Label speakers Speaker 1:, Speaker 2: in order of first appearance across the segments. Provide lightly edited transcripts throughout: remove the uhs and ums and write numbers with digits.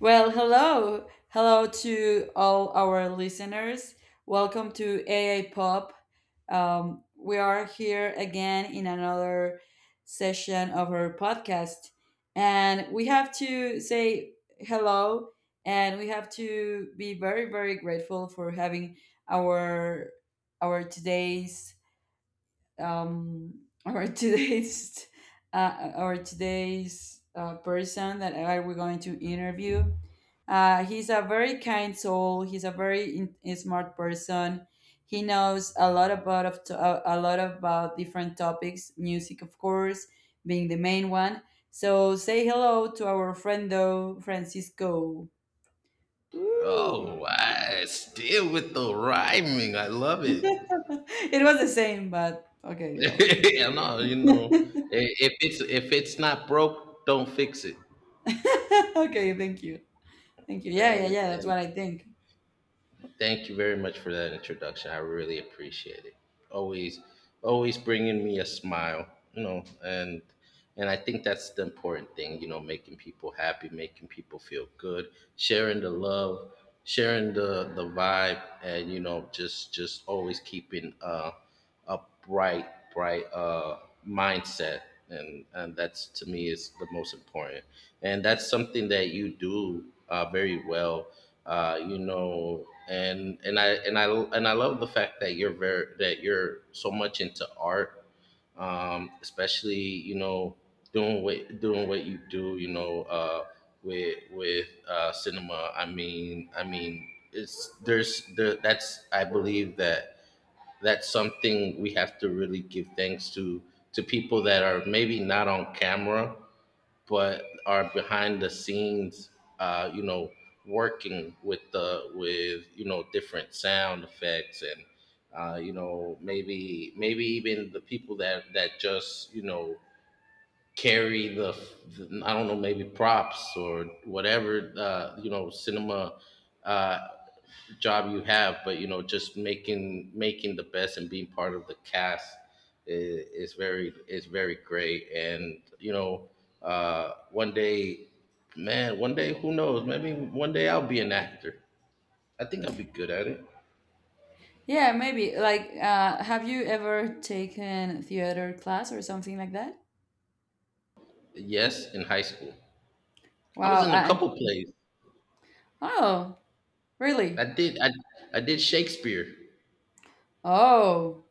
Speaker 1: Well, hello. Hello to all our listeners. Welcome to AA Pop. We are here again in another session of our podcast. And we have to say hello, and we have to be very grateful for having our our today's or today's or today's person that we're going to interview. He's a very kind soul. He's a very smart person. He knows a lot about different topics, music, of course, being the main one. So say hello to our friend though, Francisco. Woo!
Speaker 2: Oh, I still with the rhyming. I love it.
Speaker 1: It was the same, but okay, yeah.
Speaker 2: I know. If it's if it's not broke, don't fix it.
Speaker 1: Okay, thank you. Thank you. Yeah,
Speaker 2: And
Speaker 1: yeah, yeah. That's
Speaker 2: and
Speaker 1: what I think.
Speaker 2: thank you very much for that introduction. I really appreciate it. Always, always bringing me a smile, you know, and and I think that's the important thing, you know, making people happy, making people feel good, sharing the love, sharing the vibe, and just always keeping a bright bright mindset, and that's to me is the most important, and that's something that you do very well. And I love the fact that you're very that you're so much into art, especially you know, doing what you do. With cinema. I mean, it's there's there that's I believe that that's something we have to really give thanks to people that are maybe not on camera but are behind the scenes, uh, you know working with the with different sound effects, and maybe even the people that just you know carry the, I don't know maybe props or whatever cinema uh, job you have. But just making the best and being part of the cast is very great. One day, man, one day, who knows? Maybe one day I'll be an actor. I think I'll be good at it.
Speaker 1: Yeah, maybe. Like, have you ever taken theater class or something like that?
Speaker 2: Yes, in high school, I was
Speaker 1: Wow.
Speaker 2: in a
Speaker 1: I,
Speaker 2: couple plays.
Speaker 1: oh, really?
Speaker 2: I did I I did Shakespeare.
Speaker 1: Oh,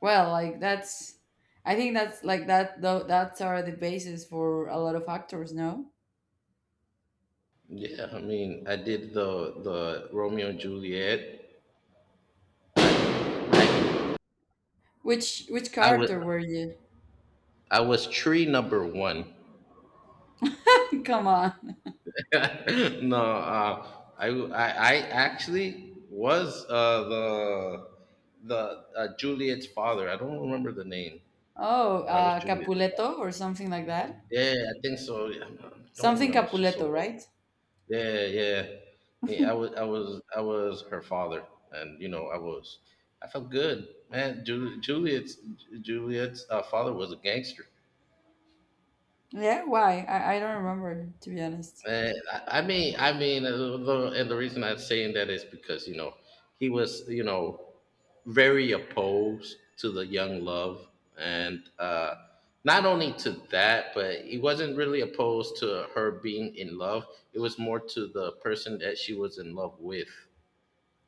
Speaker 1: well, like that's. I think that's like that. Though that's are the basis for a lot of actors. No.
Speaker 2: Yeah, I mean, I did the Romeo and Juliet.
Speaker 1: Which
Speaker 2: I was
Speaker 1: character were you?
Speaker 2: I was tree number one.
Speaker 1: Come on.
Speaker 2: no, I, w- I actually was, the Juliet's father. I don't remember the name,
Speaker 1: Oh,
Speaker 2: but I was Juliet's father.
Speaker 1: Capuleto or something like that.
Speaker 2: Yeah, I think so. Yeah, I don't
Speaker 1: Something
Speaker 2: remember. It's just so
Speaker 1: Capuleto,
Speaker 2: long.
Speaker 1: right?
Speaker 2: Yeah, yeah. Yeah, I was her father, and I was, I felt good, man. Juliet's, father was a gangster.
Speaker 1: Yeah. Why? I don't remember to be honest.
Speaker 2: I mean, the- and the reason I'm saying that is because he was, very opposed to the young love, and, not only to that, but he wasn't really opposed to her being in love. It was more to the person that she was in love with.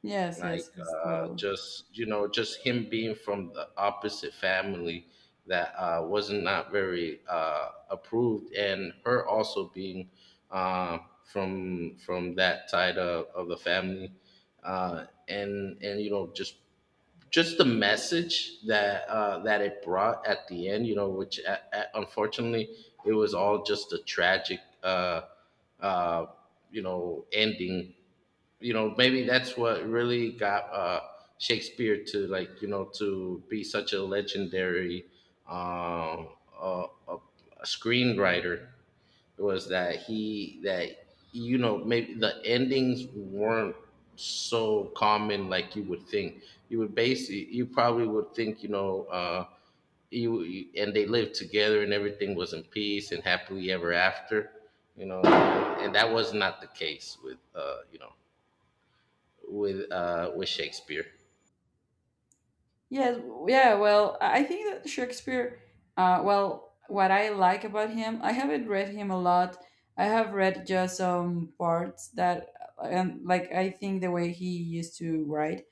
Speaker 1: Yes,
Speaker 2: Like,
Speaker 1: yes, yes. Totally.
Speaker 2: just you know just him being from the opposite family that, wasn't not very, approved, and her also being, uh, from that side of the family, and you know just the message that, that it brought at the end, which, unfortunately, it was all just a tragic, uh, ending. Maybe that's what really got Shakespeare to, to be such a legendary, um uh, a, a screenwriter. Was that he that maybe the endings weren't so common like you would think. You would basically, you probably would think, and they lived together and everything was in peace and happily ever after, you know and that was not the case with, with Shakespeare.
Speaker 1: Yes, yeah, well, I think that Shakespeare, well, what I like about him, I haven't read him a lot. I have read just some parts that, and like, I think the way he used to write,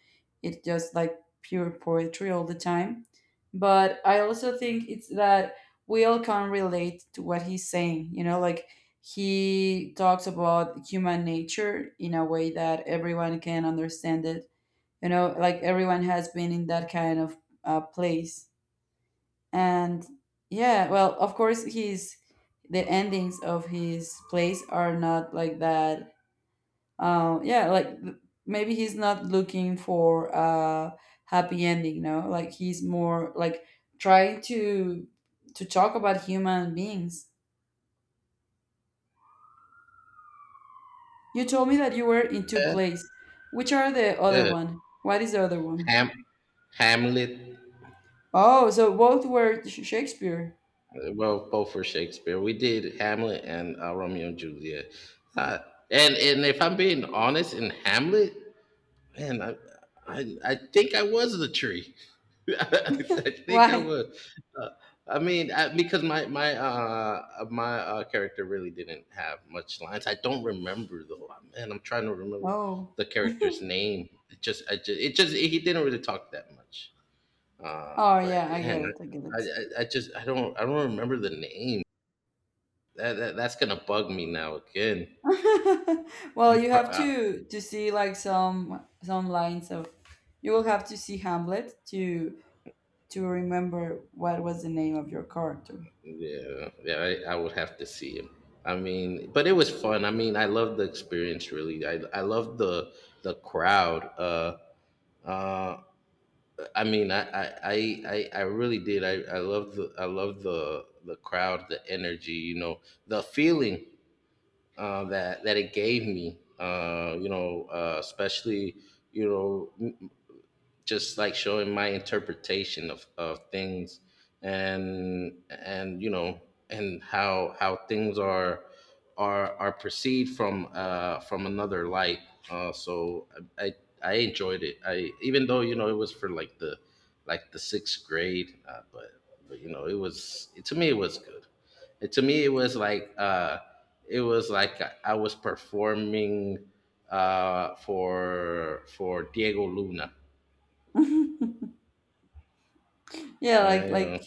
Speaker 1: it's just like pure poetry all the time. But I also think it's that we all can relate to what he's saying, you know, like he talks about human nature in a way that everyone can understand it, you know, like everyone has been in that kind of place. And yeah, well, of course his the endings of his plays are not like that. Yeah, like maybe he's not looking for a happy ending, no, like he's more like trying to talk about human beings. You told me that you were in two
Speaker 2: Yeah,
Speaker 1: plays. Which are the other
Speaker 2: yeah.
Speaker 1: one, what is the other one?
Speaker 2: Ham, Hamlet.
Speaker 1: Oh, so both were Shakespeare.
Speaker 2: Uh, well, both for Shakespeare. We did Hamlet and, Romeo and Juliet. Uh, and if I'm being honest, in Hamlet, Man, I, I think I was the tree. I think I
Speaker 1: Why?
Speaker 2: was. Uh, I mean, because my character really didn't have much lines. I don't remember though. Man, I'm trying to remember
Speaker 1: Oh.
Speaker 2: the character's name. It just, I just, it just, he didn't really talk that much.
Speaker 1: Oh
Speaker 2: But
Speaker 1: yeah, I get
Speaker 2: man,
Speaker 1: it. I get it.
Speaker 2: I just, I don't remember the name. That's gonna bug me now again.
Speaker 1: Well,
Speaker 2: I'm,
Speaker 1: you
Speaker 2: pro-
Speaker 1: have
Speaker 2: I,
Speaker 1: to see like some lines of, you will have to see Hamlet to remember what was the name of your character.
Speaker 2: Yeah, yeah, I would have to see him. I mean, but it was fun. I mean, I loved the experience. Really, I loved the crowd. Uh, I mean, I really did. I loved the I loved the crowd, the energy. You know, the feeling, that it gave me. Especially, you know just like showing my interpretation of things, and you know and how things are are perceived from, from another light. uh so i i I enjoyed it, I even though, it was for like the, like the sixth grade, but it was, to me it was good. To me it was like, it was like I was performing, for Diego Luna.
Speaker 1: Yeah,
Speaker 2: I know.
Speaker 1: like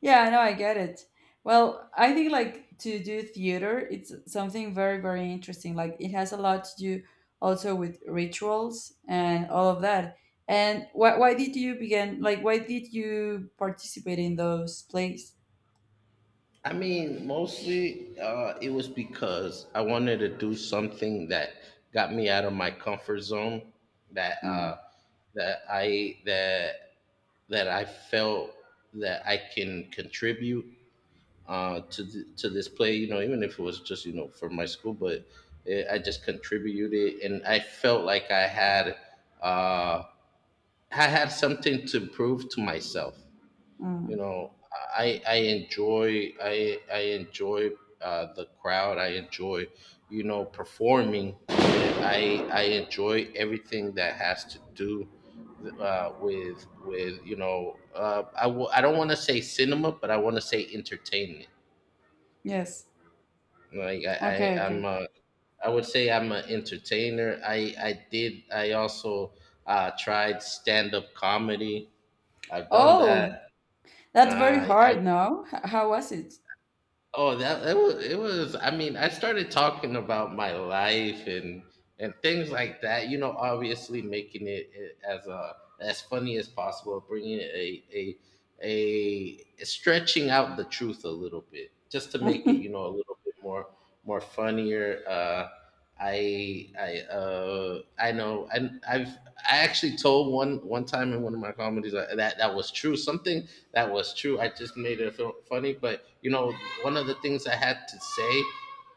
Speaker 1: yeah, I know I get it. Well, I think like to do theater, it's something very interesting. Like it has a lot to do also with rituals and all of that. And why did you begin, like why did you participate in those plays?
Speaker 2: I mean, mostly, it was because I wanted to do something that got me out of my comfort zone. That
Speaker 1: Hmm.
Speaker 2: uh, that I that that I felt that I can contribute, to this play. You know, even if it was just, for my school. But, I just contributed, and I felt like I had, uh, I had something to prove to myself. You
Speaker 1: Mm,
Speaker 2: know I enjoy I enjoy, the crowd. I enjoy, performing. I enjoy everything that has to do, with you know I don't want to say cinema, but I want to say entertainment.
Speaker 1: yes.
Speaker 2: like i,
Speaker 1: Okay,
Speaker 2: I
Speaker 1: okay.
Speaker 2: i'm a I would say I'm an entertainer. I did. I also, tried stand up comedy. I've done
Speaker 1: Oh,
Speaker 2: that.
Speaker 1: that's very
Speaker 2: I
Speaker 1: hard, no? How was it?
Speaker 2: Oh, that it was, it was. I mean, I started talking about my life and things like that. You know, obviously making it as, as funny as possible, bringing it, a stretching out the truth a little bit, just to make it, a little bit more funnier. I know and I've I actually told one time, in one of my comedies, that that was true. Something that was true. I just made it feel funny. But, one of the things I had to say,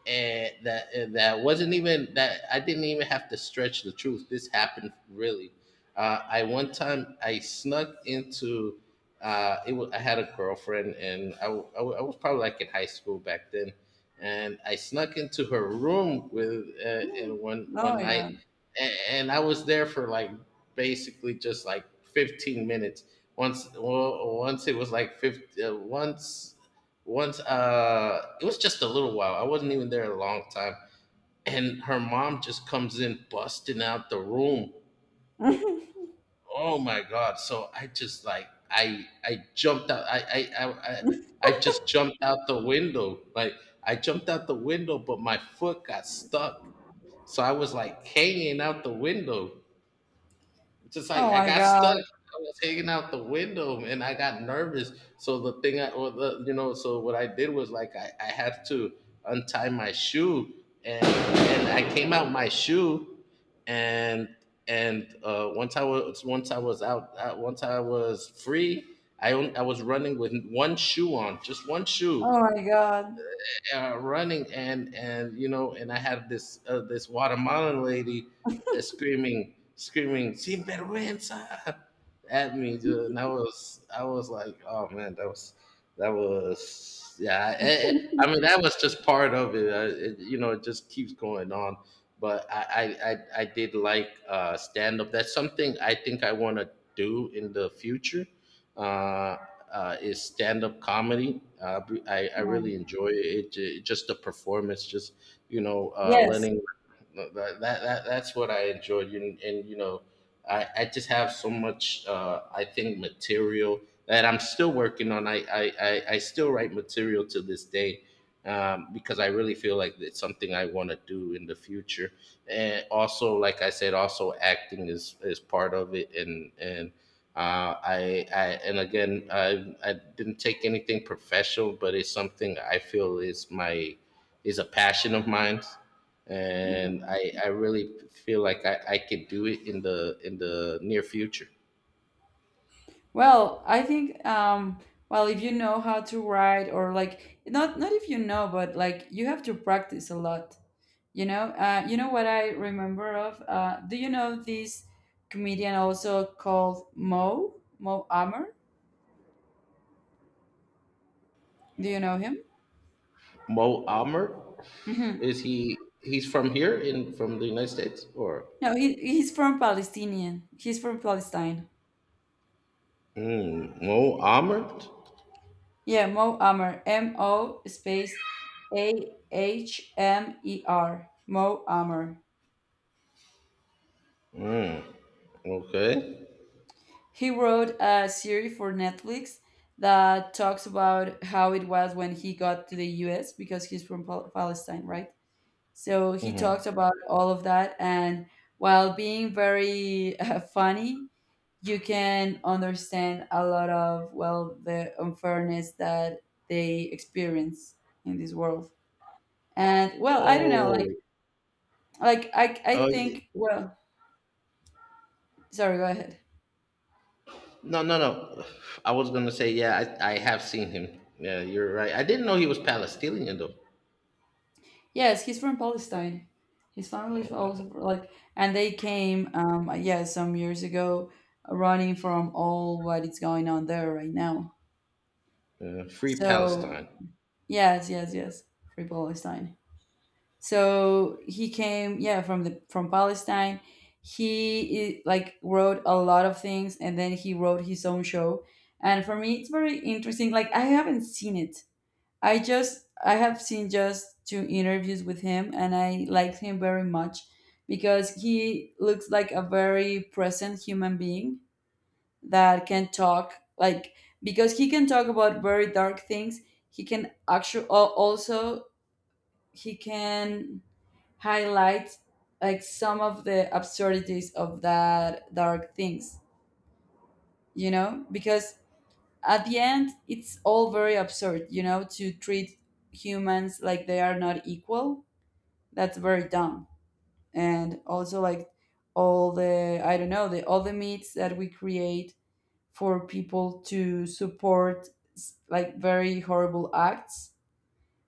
Speaker 2: and that wasn't even that, I didn't even have to stretch the truth. This happened really. I one time I snuck into. It was, I had a girlfriend, and, I was probably like in high school back then, and I snuck into her room with, and one
Speaker 1: Oh
Speaker 2: one
Speaker 1: my
Speaker 2: night,
Speaker 1: God.
Speaker 2: and I was there for like basically just like 15 minutes. Once it was like 50, once once it was just a little while. I wasn't even there a long time, and her mom just comes in busting out the room. Oh my god so I just like I jumped out I just jumped out the window. Like, I jumped out the window, but my foot got stuck. So I was like hanging out the window. Just like,
Speaker 1: Oh
Speaker 2: I
Speaker 1: my
Speaker 2: got stuck.
Speaker 1: God.
Speaker 2: I was hanging out the window and I got nervous. So the thing I, or the, you know, So what I did was like, I had to untie my shoe, and I came out my shoe. And, once I was out, once I was free, I was running with one shoe on, just one shoe,
Speaker 1: Oh my God.
Speaker 2: running, and and I had this, this Guatemalan lady, screaming sin vergüenza at me, dude. And I was like, oh man, that was, yeah, I mean, that was just part of it. It just keeps going on. But I did like, stand up. That's something I think I want to do in the future. Uh, is stand up comedy. I
Speaker 1: No.
Speaker 2: really enjoy it. Just the performance, just,
Speaker 1: Yes.
Speaker 2: learning, that's what I enjoyed. And, I just have so much, I think material that I'm still working on. I still write material to this day. Because I really feel like it's something I want to do in the future, and also, like I said, also acting is part of it. I, and again, I didn't take anything professional, but it's something I feel is my is a passion of mine,
Speaker 1: Mm.
Speaker 2: and I really feel like I could do it in the near future.
Speaker 1: Well, I think well, if you know how to write, or like not if you know, but like you have to practice a lot. You know what I remember of do you know this comedian also called Mo Ammer? Do you know him?
Speaker 2: Mo Almer, is he, he's from here, in from the United States, or,
Speaker 1: No, he, he's from Palestinian. He's from Palestine.
Speaker 2: Mo Almer?
Speaker 1: Yeah, Mo Amer. M O space Ahmer. Mo Amer.
Speaker 2: Okay.
Speaker 1: He wrote a series for Netflix that talks about how it was when he got to the US because he's from Palestine, right? So he talked about all of that. And while being very funny, you can understand a lot of, well, the unfairness that they experience in this world. And well, I don't know,
Speaker 2: Oh,
Speaker 1: like I
Speaker 2: oh
Speaker 1: think, well, sorry, go ahead.
Speaker 2: No, no, no. I was gonna say, yeah, I have seen him. Yeah, you're right. I didn't know he was Palestinian though.
Speaker 1: Yes, he's from Palestine. His family is also like, and they came, yeah, some years ago, running from all what is going on there right now.
Speaker 2: Free
Speaker 1: So
Speaker 2: Palestine.
Speaker 1: yes, yes, yes. Free Palestine. So he came, yeah, from the from Palestine. He like wrote a lot of things, and then he wrote his own show. And for me, it's very interesting. Like I haven't seen it. I just I have seen just two interviews with him, and I liked him very much because he looks like a very present human being that can talk. Like because he can talk about very dark things, he can actually also he can highlight like some of the absurdities of that dark things, you know, because at the end it's all very absurd, you know, to treat humans like they are not equal. That's very dumb. And also like all the I don't know, the all the myths that we create for people to support like very horrible acts.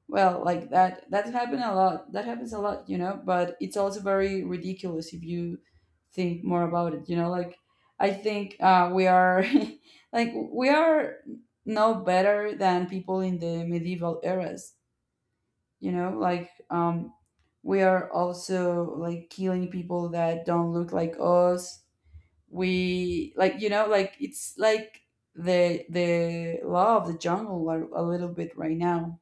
Speaker 1: Well, like that that happen a lot. That happens a lot, you know, but it's also very ridiculous if you think more about it, you know, like I think we are like we are no better than people in the medieval eras, you know, like we are also like killing people that don't look like us. We like, you know, like it's like the law of the jungle a little bit right now.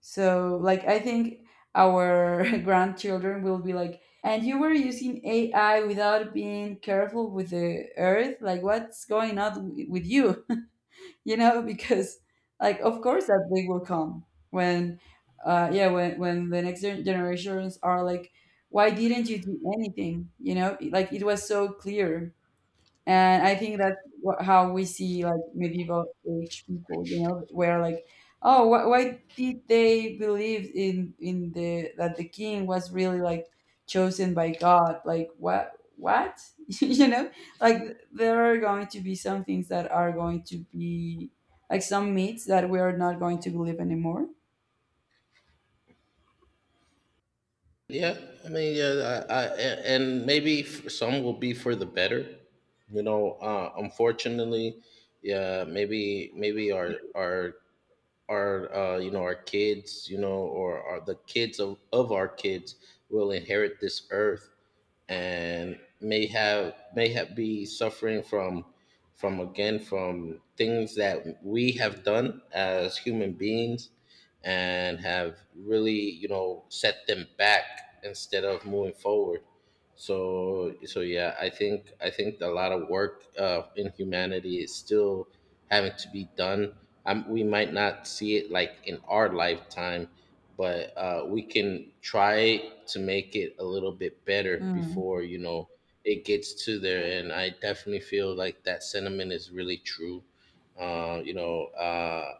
Speaker 1: So, like, I think our grandchildren will be like, and you were using AI without being careful with the earth? Like, what's going on with you? You know, because, like, of course that day will come when, yeah, when the next generations are like, why didn't you do anything? You know, like, it was so clear. And I think that's how we see like medieval age people, you know, where like, oh, why did they believe in the that the king was really like chosen by God? Like what you know? Like there are going to be some things that are going to be like some myths that we are not going to believe anymore.
Speaker 2: Yeah, yeah, I and maybe some will be for the better. You know, unfortunately, yeah, maybe our, you know, our kids, you know, or the kids of our kids will inherit this earth and may have be suffering from again from things that we have done as human beings and have really, you know, set them back instead of moving forward. So yeah, I think a lot of work in humanity is still having to be done. We might not see it like in our lifetime, but we can try to make it a little bit better
Speaker 1: Mm.
Speaker 2: before, you know, it gets to there. And I definitely feel like that sentiment is really true. You know,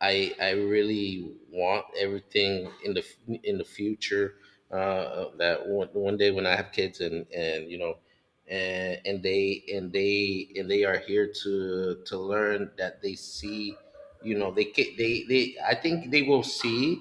Speaker 2: I really want everything in the in the future, that one day when I have kids, and you know, and they are here to learn, that they see, you know, they, I think they will see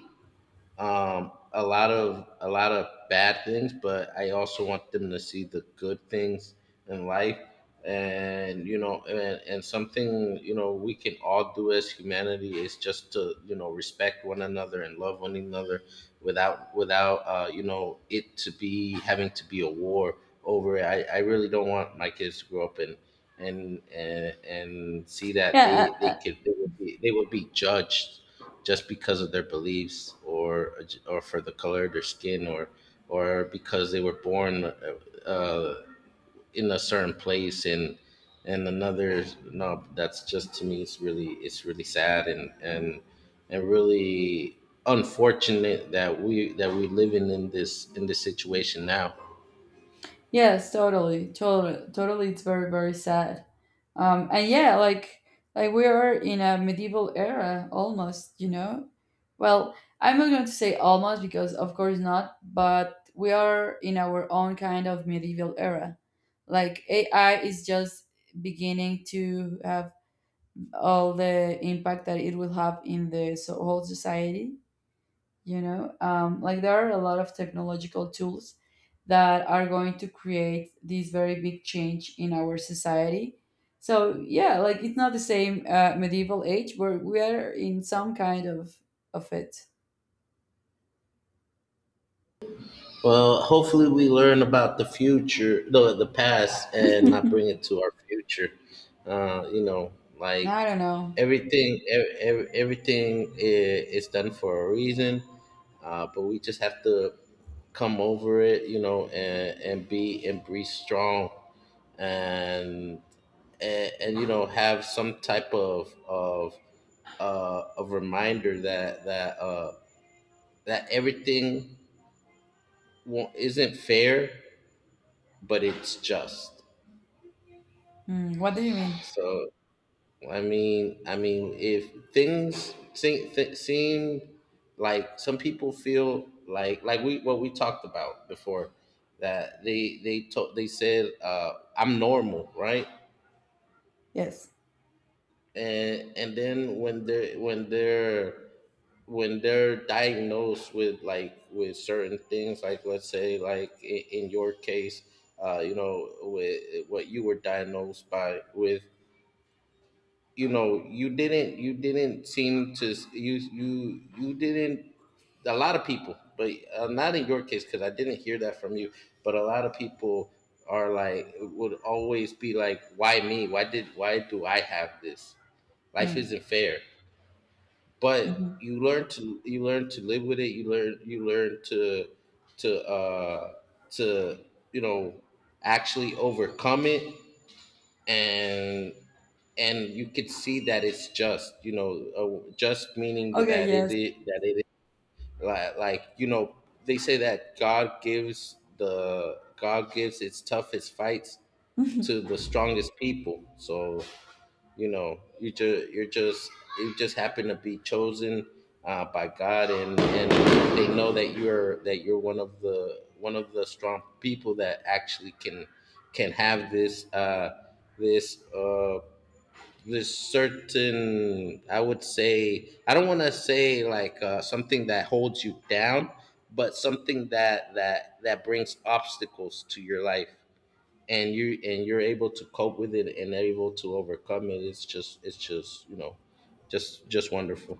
Speaker 2: a lot of bad things, but I also want them to see the good things in life. And you know, and something, you know, we can all do as humanity is just to, you know, respect one another and love one another, without, you know, it to be having to be a war over it. I really don't want my kids to grow up and and see that
Speaker 1: Yeah,
Speaker 2: they would be judged just because of their beliefs or for the color of their skin, or because they were born uh, in a certain place and another. No, that's just, to me, it's really sad, and and really unfortunate that we living in this situation now.
Speaker 1: yes, totally, totally, totally. It's very very sad. And yeah, like we are in a medieval era almost, you know. Well, I'm not going to say almost because of course not, but we are in our own kind of medieval era. Like AI is just beginning to have all the impact that it will have in the whole society, you know, like there are a lot of technological tools that are going to create this very big change in our society. So yeah, like it's not the same medieval age, but we are in some kind of it.
Speaker 2: Well, hopefully we learn about the future, no, the past, and not bring
Speaker 1: I
Speaker 2: it to our future. You know, like
Speaker 1: don't know.
Speaker 2: everything, everything is done for a reason, but we just have to come over it, you know, and be strong, and and you know, have some type of a reminder that that that everything isn't fair, but it's just.
Speaker 1: Hmm, what do you mean?
Speaker 2: So I mean, if things seem, seem like some people feel like we, what we talked about before, that they said, I'm normal, right?
Speaker 1: Yes.
Speaker 2: And then when they're when they're when they're diagnosed with like with certain things, like let's say like in your case, you know, with what you were diagnosed by with, you know, you didn't seem to you didn't, a lot of people, but not in your case because I didn't hear that from you, but a lot of people are like would always be like, why me, why did, why do I have this, life
Speaker 1: Hmm,
Speaker 2: isn't fair. But
Speaker 1: mhm.
Speaker 2: you learn to, you learn to live with it, you learn, you learn to uh to you know actually overcome it. and and you could see that it's just, you know, just meaning
Speaker 1: Okay,
Speaker 2: that it
Speaker 1: yes.
Speaker 2: is, that it is, like you know, they say that god gives, the god gives its toughest fights to the strongest people. So you know, you just you're just, you just happen to be chosen, by god, and they know that you're, that you're one of the strong people that actually can have this this this certain, I would say, I don't want to say like, something that holds you down, but something that that brings obstacles to your life, and you're able to cope with it and able to overcome it. It's just, it's just, you know, just wonderful.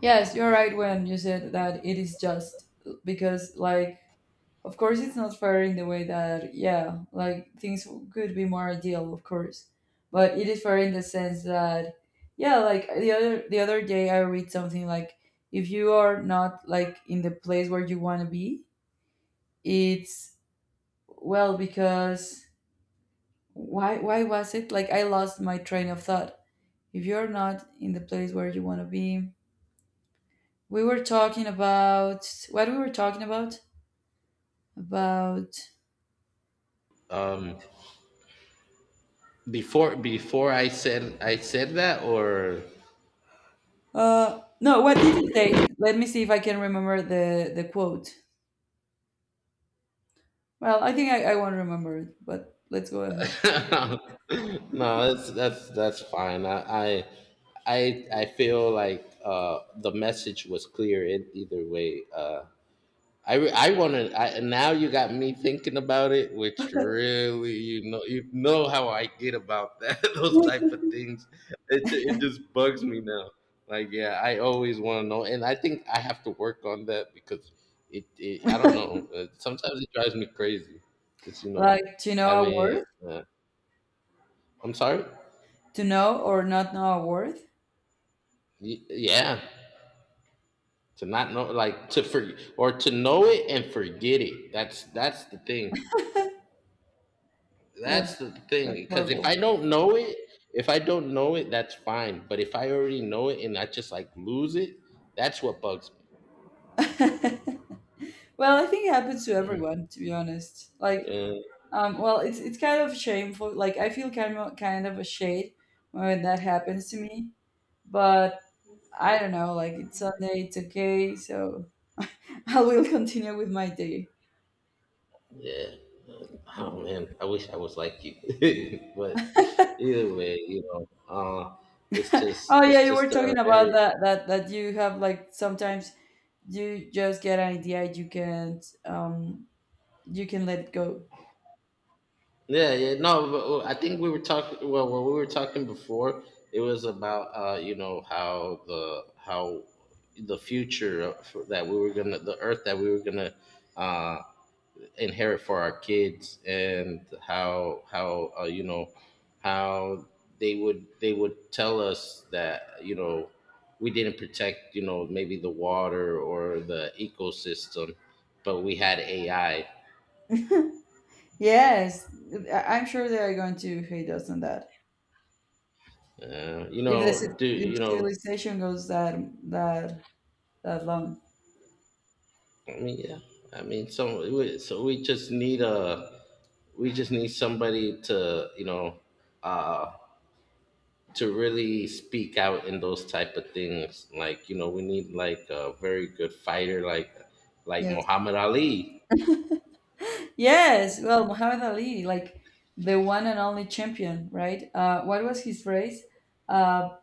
Speaker 1: Yes, you're right when you said that it is just, because like of course, it's not fair in the way that, yeah, like things could be more ideal, of course, but it is fair in the sense that, yeah, like the other day I read something like if you are not like in the place where you want to be, it's well because why was it like I lost my train of thought. If you're not in the place where you want to be, we were talking about what we were talking about
Speaker 2: um before I said that, or
Speaker 1: No, what did it say? Let me see if I can remember the quote. Well, I think I won't remember it, but let's go ahead.
Speaker 2: No, that's fine. I feel like, the message was clear in either way. Uh, I want to, I, now. You got me thinking about it, which really, you know, you know how I get about that those type of things. It just bugs me now. Like yeah, I always want to know, and I think I have to work on that because it, I don't know. Sometimes it drives me crazy. Just you know
Speaker 1: Like, to know a
Speaker 2: having.
Speaker 1: worth,
Speaker 2: Uh, I'm sorry.
Speaker 1: to know or not know a worth.
Speaker 2: Yeah, to not know, like, to, for, or to know it and forget it, that's the thing,
Speaker 1: Yes,
Speaker 2: that's the thing.
Speaker 1: that's
Speaker 2: Because if
Speaker 1: horrible.
Speaker 2: I don't know it, if I don't know it, that's fine, but if I already know it and I just like lose it, that's what bugs me.
Speaker 1: Well, I think it happens to
Speaker 2: Mm,
Speaker 1: everyone, to be honest. Like,
Speaker 2: yeah,
Speaker 1: well, it's kind of shameful. Like, I feel kind of ashamed when that happens to me. But I don't know. Like, it's Sunday. It's okay. So I will continue with my day.
Speaker 2: yeah, oh man, I wish I was like you, but either way, you know, uh
Speaker 1: Oh yeah,
Speaker 2: it's
Speaker 1: you were
Speaker 2: just a
Speaker 1: talking about
Speaker 2: very.
Speaker 1: that that that you have like sometimes you just get an idea you can't you can let it go.
Speaker 2: Yeah, yeah. No, but, well, I think we were talking. Well, when we were talking before, it was about you know, how the future that we were gonna, the earth that we were gonna uh, inherit for our kids, and how, you know, how they would, they would tell us that, you know, we didn't protect, you know, maybe the water or the ecosystem, but we had AI.
Speaker 1: Yes, I'm sure they are going to hate us on that.
Speaker 2: You
Speaker 1: If the
Speaker 2: know, do
Speaker 1: if
Speaker 2: you know,
Speaker 1: civilization goes that that that long.
Speaker 2: I mean, yeah. I mean, so we just need a, we just need somebody to, you know, uh to really speak out in those type of things. Like you know, we need like a very good fighter, like
Speaker 1: Yes.
Speaker 2: Muhammad Ali,
Speaker 1: Yes. Well, Muhammad Ali, like the one and only champion, right? What was his phrase? Uh,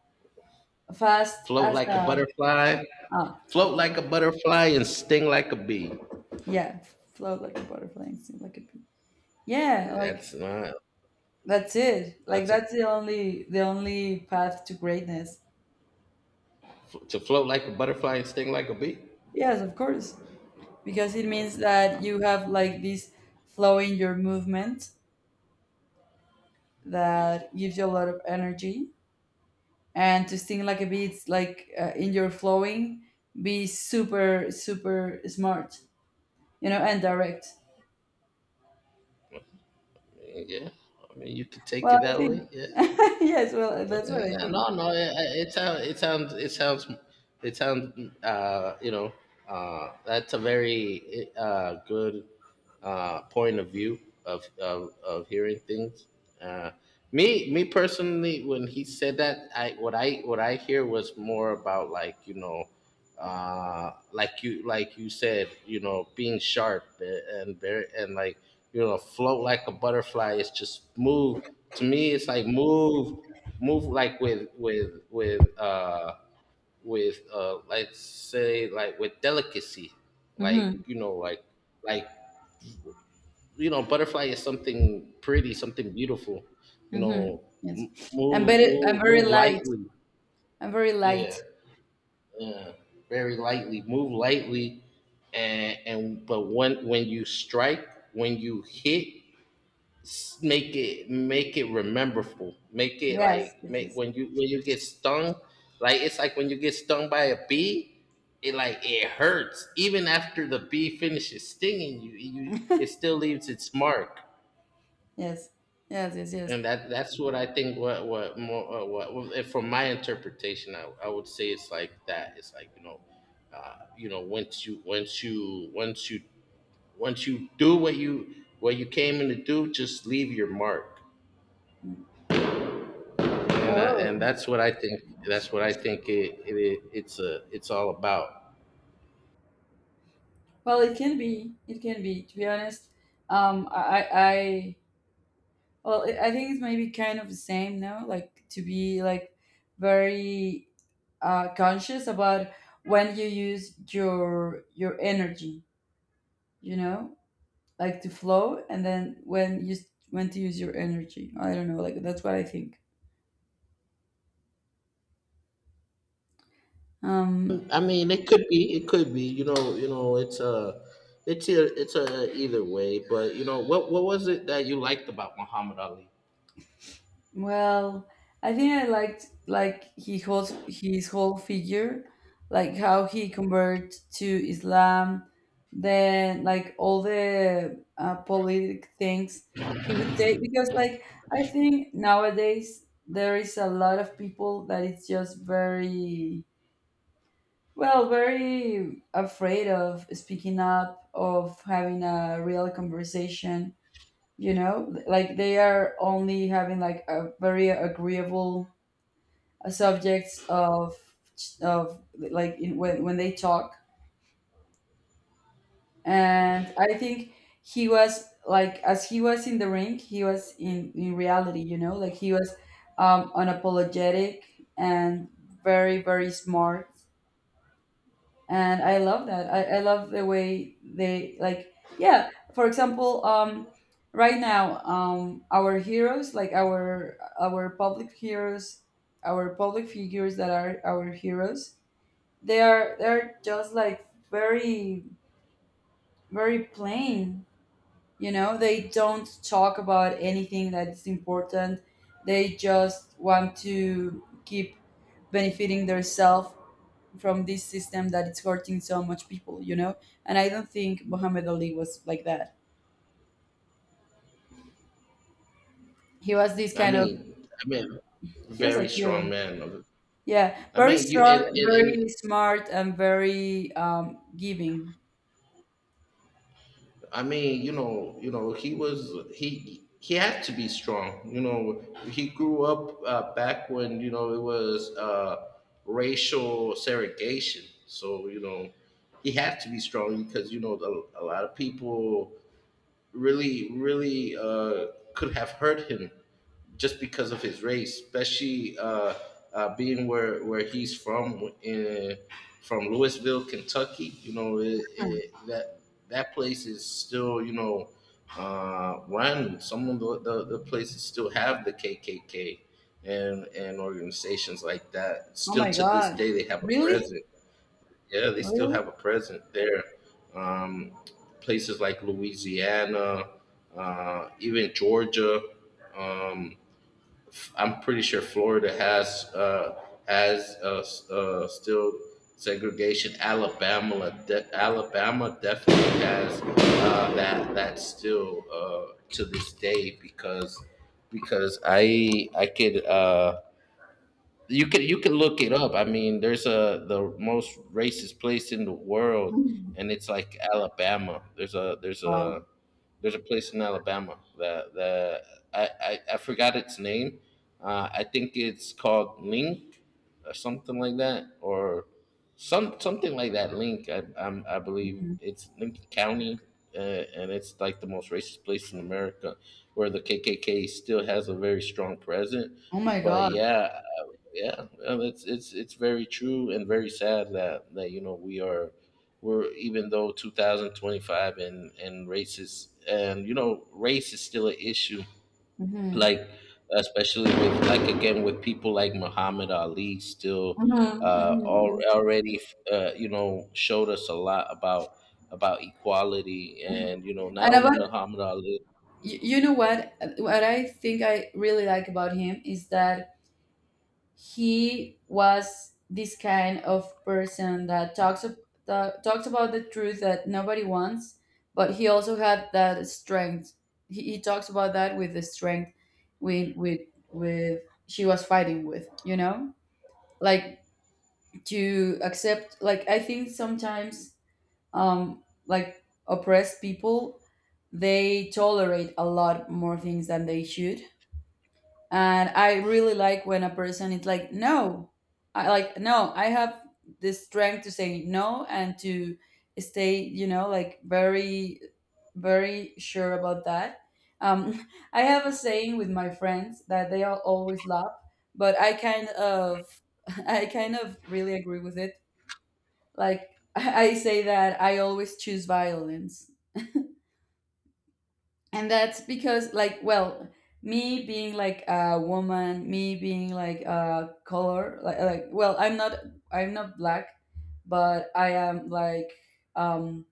Speaker 1: fast
Speaker 2: float
Speaker 1: as
Speaker 2: like a
Speaker 1: a
Speaker 2: butterfly,
Speaker 1: ah,
Speaker 2: float like a butterfly and sting like a bee.
Speaker 1: yeah, float like a butterfly, and sting like a bee. Yeah, like
Speaker 2: That's not
Speaker 1: that's it. Like
Speaker 2: that's a
Speaker 1: that's the only path to greatness.
Speaker 2: To float like a butterfly and sting like a bee.
Speaker 1: Yes, of course. Because it means that you have like this flow in your movement that gives you a lot of energy. And to sing like a bee, it's like in your flowing, be super smart, you know, and direct.
Speaker 2: Yeah, I mean, you could take
Speaker 1: Well,
Speaker 2: it
Speaker 1: I
Speaker 2: that way.
Speaker 1: think.
Speaker 2: Yeah.
Speaker 1: Yes, well, that's what I
Speaker 2: Yeah, no,
Speaker 1: think.
Speaker 2: no, it sounds. You know, that's a very good point of view of of hearing things. Uh, me personally, when he said that, I what I what I hear was more about, like you know, like you, like you said, you know, being sharp and very and like, you know, float like a butterfly. It's just move. To me, it's like move, move, like with let's say, like with delicacy, like,
Speaker 1: Mm-hmm.
Speaker 2: you know, like, you know, butterfly is something pretty, something beautiful. You
Speaker 1: Mm-hmm.
Speaker 2: know,
Speaker 1: Yes. I'm
Speaker 2: move,
Speaker 1: better, I'm
Speaker 2: move,
Speaker 1: very
Speaker 2: move
Speaker 1: light.
Speaker 2: lightly.
Speaker 1: I'm very
Speaker 2: Yeah,
Speaker 1: light.
Speaker 2: yeah, very lightly. Move lightly, and but when you strike, when you hit, make it rememberful. Make it
Speaker 1: Yes,
Speaker 2: like,
Speaker 1: this
Speaker 2: make,
Speaker 1: is.
Speaker 2: when you get stung, like it's like when you get stung by a bee. It, like it hurts even after the bee finishes stinging you. You, it still leaves its mark.
Speaker 1: Yes. Yes, yes, yes.
Speaker 2: And that that's what I think. What more? Uh, if from my interpretation, I would say it's like that. It's like, you know, once you do what you, what you came in to do, just leave your mark.
Speaker 1: Oh.
Speaker 2: And that's what I think. That's what I think. It it's a, it's all about.
Speaker 1: Well, it can be. It can be, to be honest. Um, I, I, I- I think it's maybe kind of the same now, like to be like very conscious about when you use your energy, you know, like to flow, and then when to use your energy. I don't know, like that's what I think. Um,
Speaker 2: I mean, it could be. It could be. You know. You know. It's a. It's a, it's a either way, but you know what? What was it that you liked about Muhammad Ali?
Speaker 1: Well, I think I liked like he holds his whole figure, like how he converted to Islam, then like all the politic things he would say, because like I think nowadays there is a lot of people that it's just very, very afraid of speaking up, of having a real conversation, you know, like they are only having like a very agreeable subjects of, like when they talk. And I think he was like, as he was in the ring, he was in reality, you know, like he was unapologetic and very smart. And I love that. I love the way they like, yeah, for example, right now, our heroes, like our public heroes, our public figures that are our heroes, they're just like very, very plain, you know, they don't talk about anything that is important. They just want to keep benefiting themselves from this system that it's hurting so much people, you know? And I don't think Muhammad Ali was like that. He was this kind of,
Speaker 2: I mean,
Speaker 1: he was a
Speaker 2: very strong
Speaker 1: hero.
Speaker 2: man.
Speaker 1: Yeah,
Speaker 2: I
Speaker 1: very
Speaker 2: mean, you
Speaker 1: strong,
Speaker 2: and, and and
Speaker 1: very smart, and very giving.
Speaker 2: I mean, you know, he had to be strong. You know, he grew up, back when, you know, it was, racial segregation. So you know, he had to be strong because you know, a lot of people really really, could have hurt him just because of his race, especially, being where he's from, in from Louisville, Kentucky. You know, that that place is still, you know, run. Some of the places still have the KKK and organizations like that.
Speaker 1: Oh
Speaker 2: Still
Speaker 1: my
Speaker 2: to this
Speaker 1: God.
Speaker 2: day, they have a
Speaker 1: Really?
Speaker 2: present. Yeah, they still
Speaker 1: Really?
Speaker 2: have a present there. Um, Places like Louisiana, even Georgia. Um, I'm pretty sure Florida has has uh, still segregation. Alabama definitely has, that. That's still, to this day, because I could, you can, you can look it up. I mean, there's a, the most racist place in the world,
Speaker 1: Mhm.
Speaker 2: and it's like Alabama.
Speaker 1: Wow.
Speaker 2: There's a place in Alabama that the, I forgot its name. I think it's called Link or something like that, or something like that. Link, I believe
Speaker 1: Mhm.
Speaker 2: it's Lincoln County, uh, and it's like the most racist place in America, where the KKK still has a very strong presence.
Speaker 1: Oh my
Speaker 2: But
Speaker 1: God.
Speaker 2: yeah, yeah, it's very true and very sad that that, you know, we are, we're, even though 2025, and racist, and you know, race is still an issue,
Speaker 1: Mhm,
Speaker 2: like, especially with like, again, with people like Muhammad Ali still
Speaker 1: mhm, mhm, mhm.
Speaker 2: already, you know, showed us a lot about equality, and you know, not
Speaker 1: And
Speaker 2: only
Speaker 1: about,
Speaker 2: Muhammad Ali
Speaker 1: you know what? What I think I really like about him is that he was this kind of person that that talks about the truth that nobody wants, but he also had that strength. He talks about that with the strength with with she was fighting with, you know? Like, to accept, like I think sometimes, like oppressed people, they tolerate a lot more things than they should. And I really like when a person is like no, I like no, I have the strength to say no, and to stay, you know, like very, very sure about that. um I have a saying with my friends that they all always laugh, but I kind of I kind of really agree with it, like I say that I always choose violence. And that's because like, well, me being like a woman, me being like a color, like, well, I'm not black, but I am like, um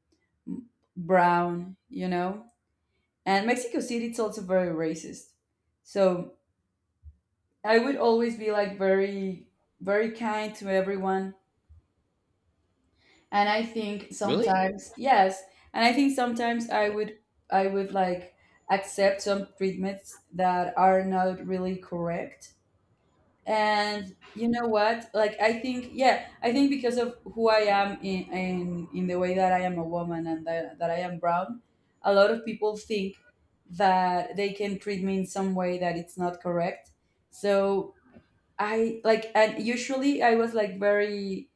Speaker 1: brown, you know. And Mexico City, it's also very racist, so I would always be like very, very kind to everyone. And I think
Speaker 2: really,
Speaker 1: sometimes, yes, and I think sometimes I would, I would like accept some treatments that are not really correct. And you know what, like I think, yeah, I think because of who I am, in the way that I am a woman, and that I am brown, a lot of people think that they can treat me in some way that it's not correct. So I like, and usually I was like very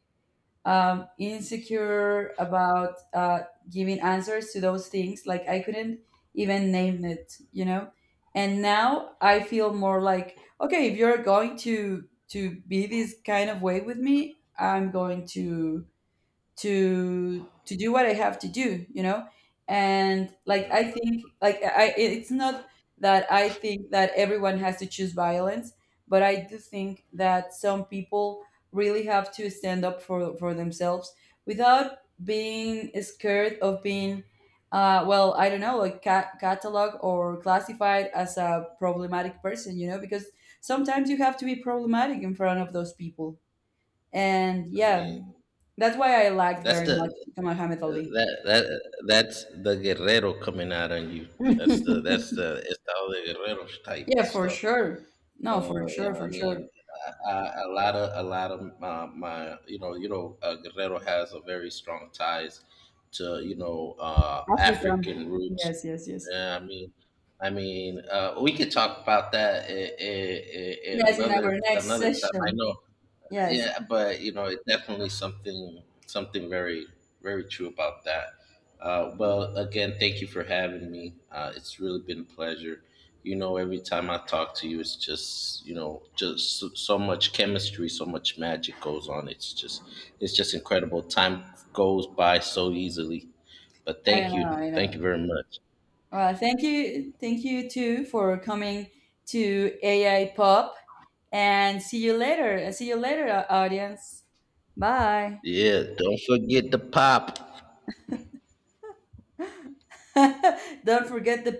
Speaker 1: insecure about giving answers to those things. Like I couldn't even name it, you know. And now I feel more like, okay, if you're going to be this kind of way with me, I'm going to to do what I have to do, you know? And
Speaker 2: you
Speaker 1: like
Speaker 2: know,
Speaker 1: I think like I it's not that I think that everyone has to choose violence, but I do think that some people really have to stand up for themselves without being scared of being well, I don't know, like catalog or classified as a problematic person, you know, because sometimes you have to be problematic in front of those people. And
Speaker 2: I
Speaker 1: yeah,
Speaker 2: mean,
Speaker 1: that's why I liked
Speaker 2: that's
Speaker 1: very much
Speaker 2: the
Speaker 1: Muhammad Ali.
Speaker 2: that that that's the Guerrero coming out on you.
Speaker 1: Yeah,
Speaker 2: That's the Estado de Guerrero type
Speaker 1: for
Speaker 2: stuff.
Speaker 1: sure. No, for
Speaker 2: Yeah,
Speaker 1: sure,
Speaker 2: I
Speaker 1: for sure.
Speaker 2: mean, a lot of a lot of, my, you know, you know, Guerrero has a very strong ties to, you know,
Speaker 1: Africa.
Speaker 2: African roots.
Speaker 1: Yes, yes, yes.
Speaker 2: Yeah, I mean, we could talk about that in
Speaker 1: Yes, in our next
Speaker 2: another time. I
Speaker 1: session.
Speaker 2: know,
Speaker 1: Yes,
Speaker 2: yeah, but you know, it's definitely something something very very true about that. Well, again, thank you for having me. It's really been a pleasure. You know, every time I talk to you, it's just, you know, just so, so much chemistry, so much magic goes on. It's just incredible. Time goes by so easily. But
Speaker 1: I know, I
Speaker 2: thank you
Speaker 1: know.
Speaker 2: very much.
Speaker 1: Well, thank you too for coming to AI Pop, and see you later. See you later, audience. Bye.
Speaker 2: Yeah, don't forget the pop.
Speaker 1: Don't forget the